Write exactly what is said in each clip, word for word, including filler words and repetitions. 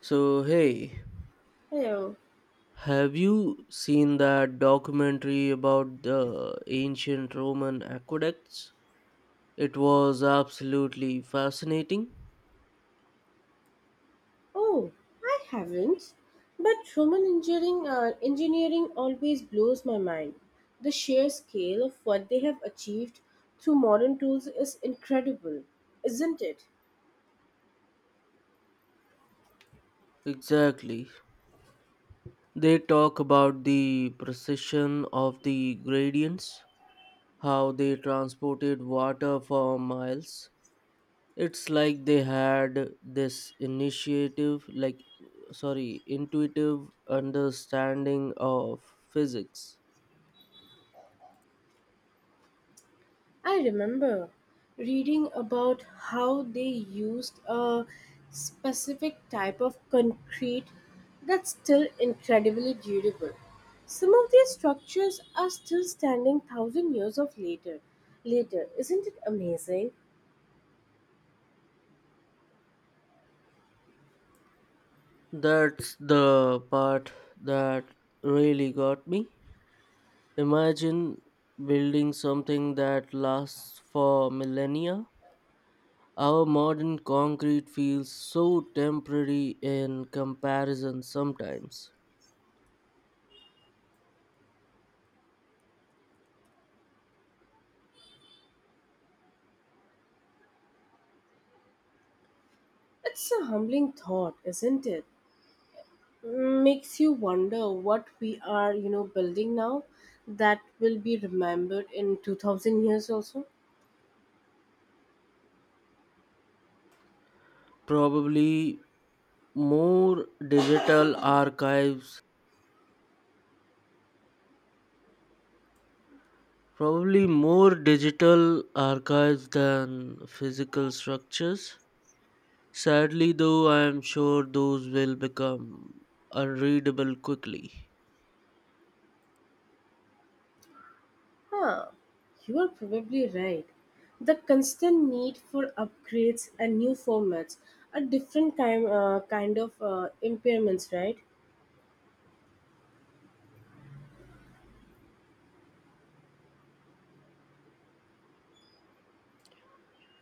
So, hey, Hello. have you seen that documentary about the ancient Roman aqueducts? It was absolutely fascinating. Oh, I haven't. But Roman engineering, uh, engineering always blows my mind. The sheer scale of what they have achieved through modern tools is incredible, isn't it? Exactly. They talk about the precision of the gradients, how they transported water for miles. It's like they had this initiative, like, sorry, intuitive understanding of physics. I remember reading about how they used a specific type of concrete that's still incredibly durable. Some of these structures are still standing thousand years of later. Later, isn't it amazing? That's the part that really got me. Imagine building something that lasts for millennia. Our modern concrete feels so temporary in comparison sometimes. It's a humbling thought, isn't it? Makes you wonder what we are, you know, building now that will be remembered in two thousand years also. Probably more digital archives, probably more digital archives than physical structures. Sadly, though, I am sure those will become unreadable quickly. Huh, you are probably right. The constant need for upgrades and new formats are different kind, uh, kind of uh, impairments, right?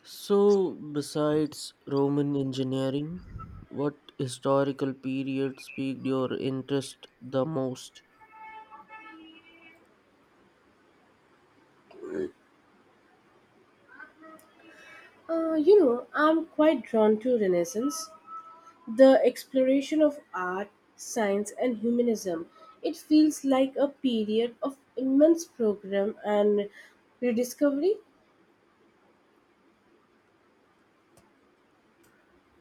So, besides Roman engineering, what historical period piqued your interest the most? Uh, you know, I'm quite drawn to Renaissance, the exploration of art, science, and humanism. It feels like a period of immense program and rediscovery.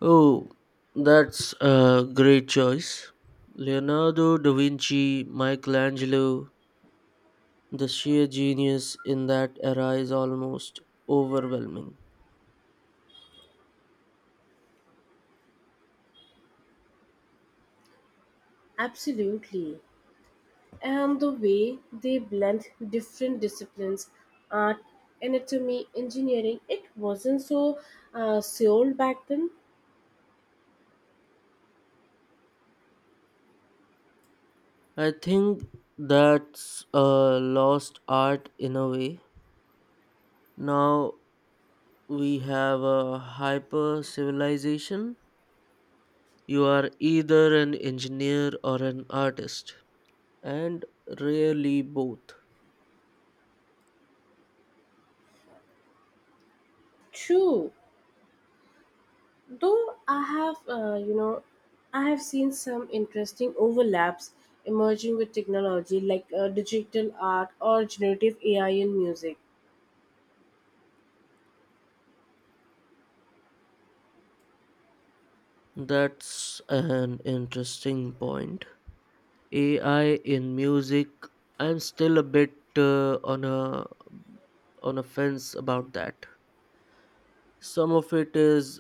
Oh, that's a great choice. Leonardo da Vinci, Michelangelo, the sheer genius in that era is almost overwhelming. Absolutely. And the way they blend different disciplines, art, anatomy, engineering, it wasn't so uh, sold back then. I think that's a lost art in a way. Now we have a hyper civilization. You are either an engineer or an artist, and rarely both. True. Though I have, uh, you know, I have seen some interesting overlaps emerging with technology like uh, digital art or generative A I in music. That's an interesting point. A I in music, I'm still a bit uh, on a on a fence about that. Some of it is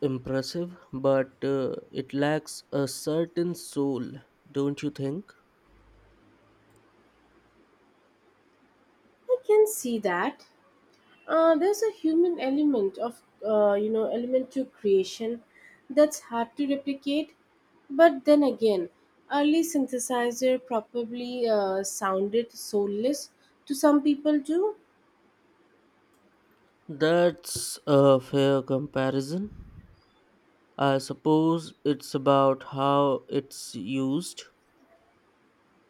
impressive, but uh, it lacks a certain soul, don't you think? I can see that uh, there's a human element of, uh, you know, element to creation that's hard to replicate. But then again, early synthesizer probably uh, sounded soulless to some people too. That's a fair comparison. I suppose it's about how it's used.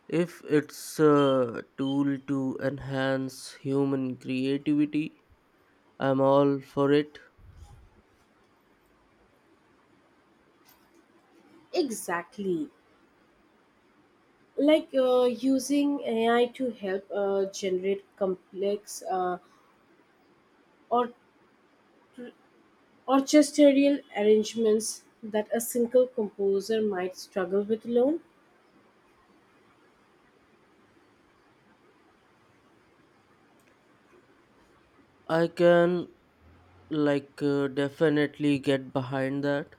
If it's a tool to enhance human creativity, I'm all for it. Exactly. Like uh, using A I to help uh, generate complex uh, or orchestral arrangements that a single composer might struggle with alone. I can like uh, definitely get behind that.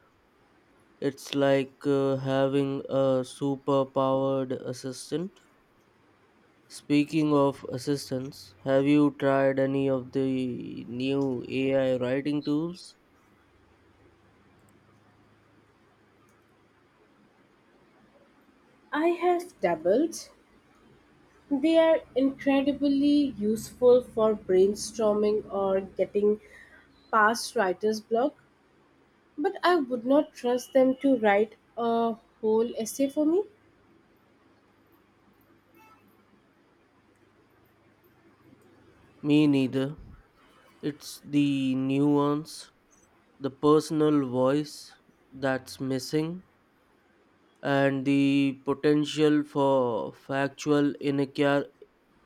It's like uh, having a superpowered assistant. Speaking of assistants, have you tried any of the new A I writing tools? I have dabbled. They are incredibly useful for brainstorming or getting past writer's block, but I would not trust them to write a whole essay for me. Me neither. It's the nuance, the personal voice that's missing, and the potential for factual inaccur-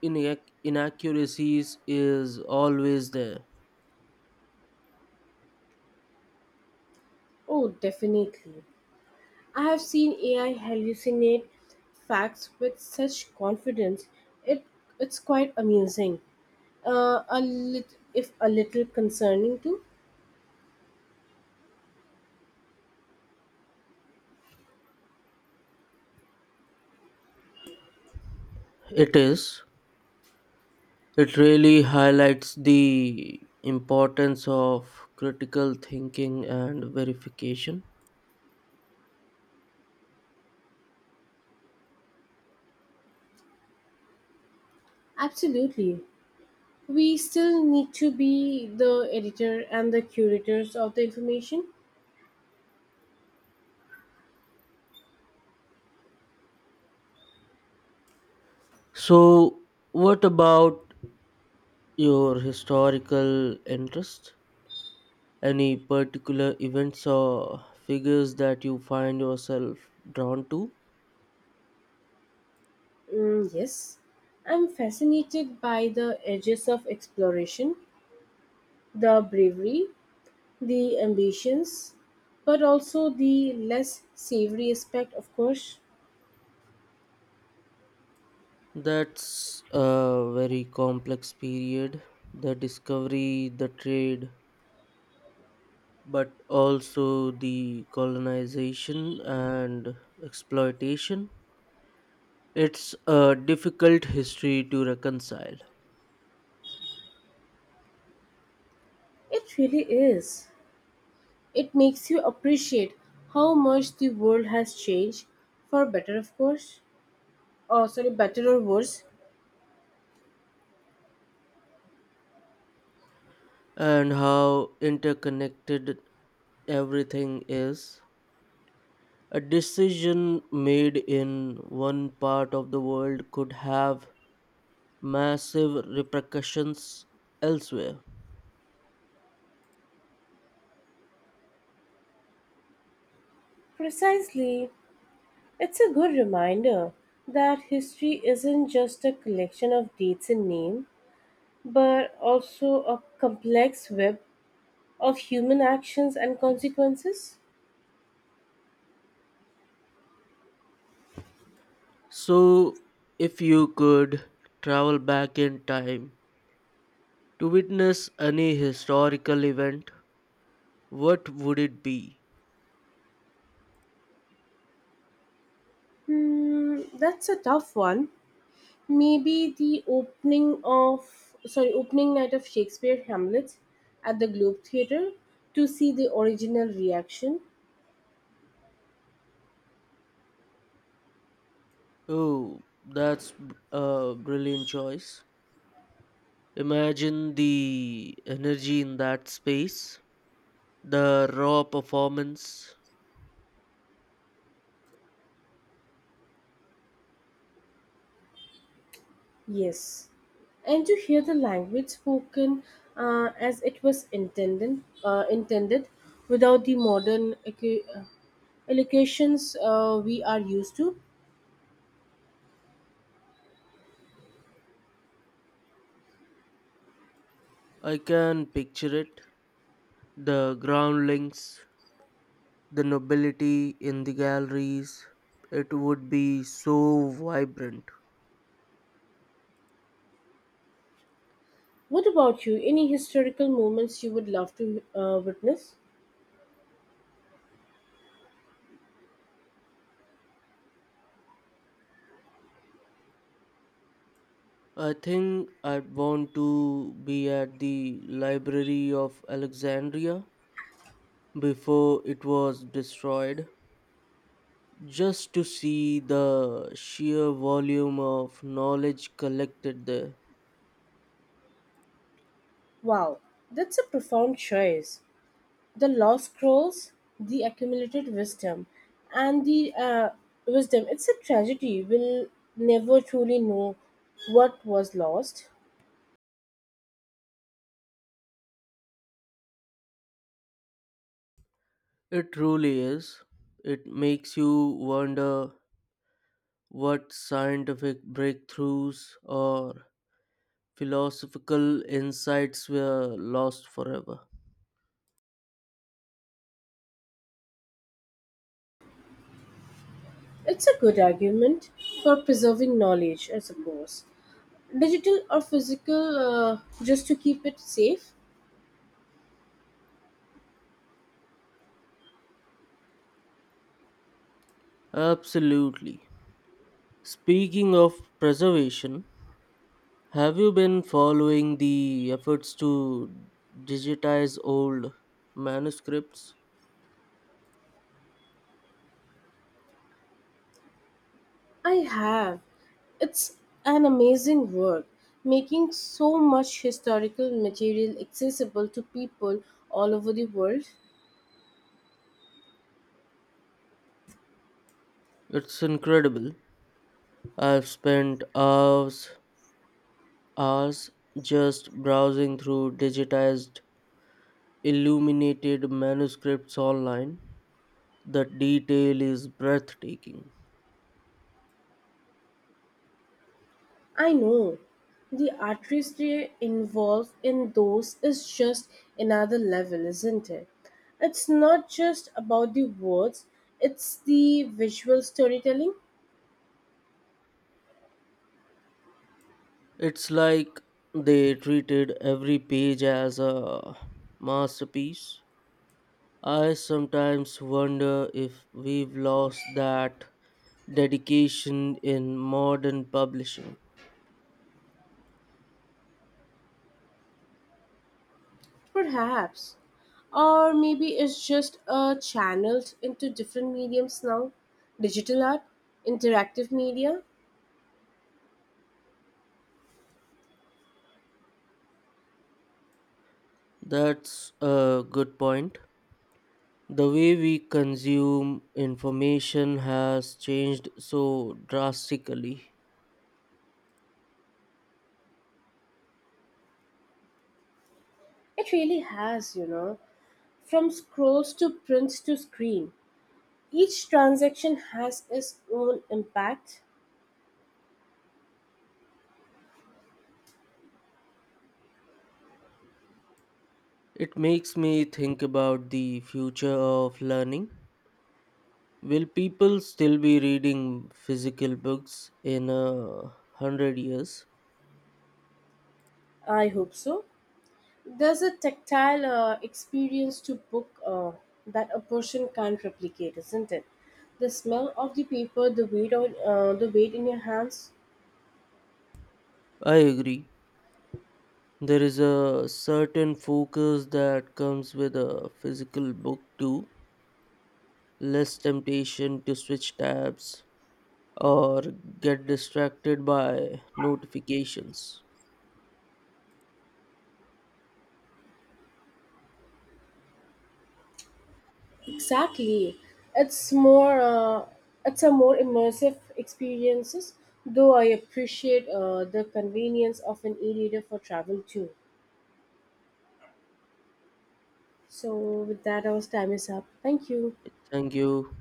inac- inaccuracies is always there. Oh, definitely. I have seen A I hallucinate facts with such confidence. It it's quite amusing. Uh, a lit, if a little concerning too. It is. It really highlights the importance of critical thinking and verification. Absolutely, we still need to be the editor and the curators of the information. So, what about your historical interest? Any particular events or figures that you find yourself drawn to? Mm, yes, I'm fascinated by the edges of exploration, the bravery, the ambitions, but also the less savory aspect. Of course, That's a very complex period. The discovery, the trade, but also the colonization and exploitation. It's a difficult history to reconcile, it really is. It makes you appreciate how much the world has changed, for better, of course. Oh, sorry, better or worse. and how interconnected everything is. A decision made in one part of the world could have massive repercussions elsewhere. Precisely. It's a good reminder that history isn't just a collection of dates and names, but also a complex web of human actions and consequences. So, if you could travel back in time to witness any historical event, what would it be? Hmm, that's a tough one. Maybe the opening of sorry opening night of Shakespeare Hamlet at the Globe Theatre to see the original reaction. Oh, that's b- a brilliant choice. Imagine the energy in that space, the raw performance. Yes, and to hear the language spoken uh, as it was intended uh, intended without the modern equ- uh, elocutions uh, we are used to. I can picture it. The groundlings, the nobility in the galleries. It would be so vibrant. What about you? Any historical moments you would love to uh, witness? I think I'd want to be at the Library of Alexandria before it was destroyed, just to see the sheer volume of knowledge collected there. Wow, that's a profound choice. The lost scrolls, the accumulated wisdom, and the uh, wisdom. It's a tragedy. We'll never truly know what was lost. It truly is. It makes you wonder what scientific breakthroughs or philosophical insights were lost forever. It's a good argument for preserving knowledge, I suppose. Digital or physical, uh, just to keep it safe? Absolutely. Speaking of preservation, have you been following the efforts to digitize old manuscripts? I have. It's an amazing work, making so much historical material accessible to people all over the world. It's incredible. I've spent hours, hours just browsing through digitized, illuminated manuscripts online. The detail is breathtaking. I know the artistry involved in those is just another level, isn't it? It's not just about the words, it's the visual storytelling, It's like they treated every page as a masterpiece. I sometimes wonder if we've lost that dedication in modern publishing. perhaps. Or maybe it's just uh, channeled into different mediums now, digital art, interactive media. That's a good point. The way we consume information has changed so drastically. It really has, you know, from scrolls to prints to screen. Each transaction has its own impact. It makes me think about the future of learning. Will people still be reading physical books in a hundred years? I hope so. There's a tactile uh, experience to book uh, that a person can't replicate, isn't it? The smell of the paper, the weight on uh, the weight in your hands. I agree. There is a certain focus that comes with a physical book too, less temptation to switch tabs or get distracted by notifications. Exactly, it's more. Uh, it's a more immersive experiences. Though I appreciate uh, the convenience of an e-reader for travel too. So with that, our time is up. Thank you. Thank you.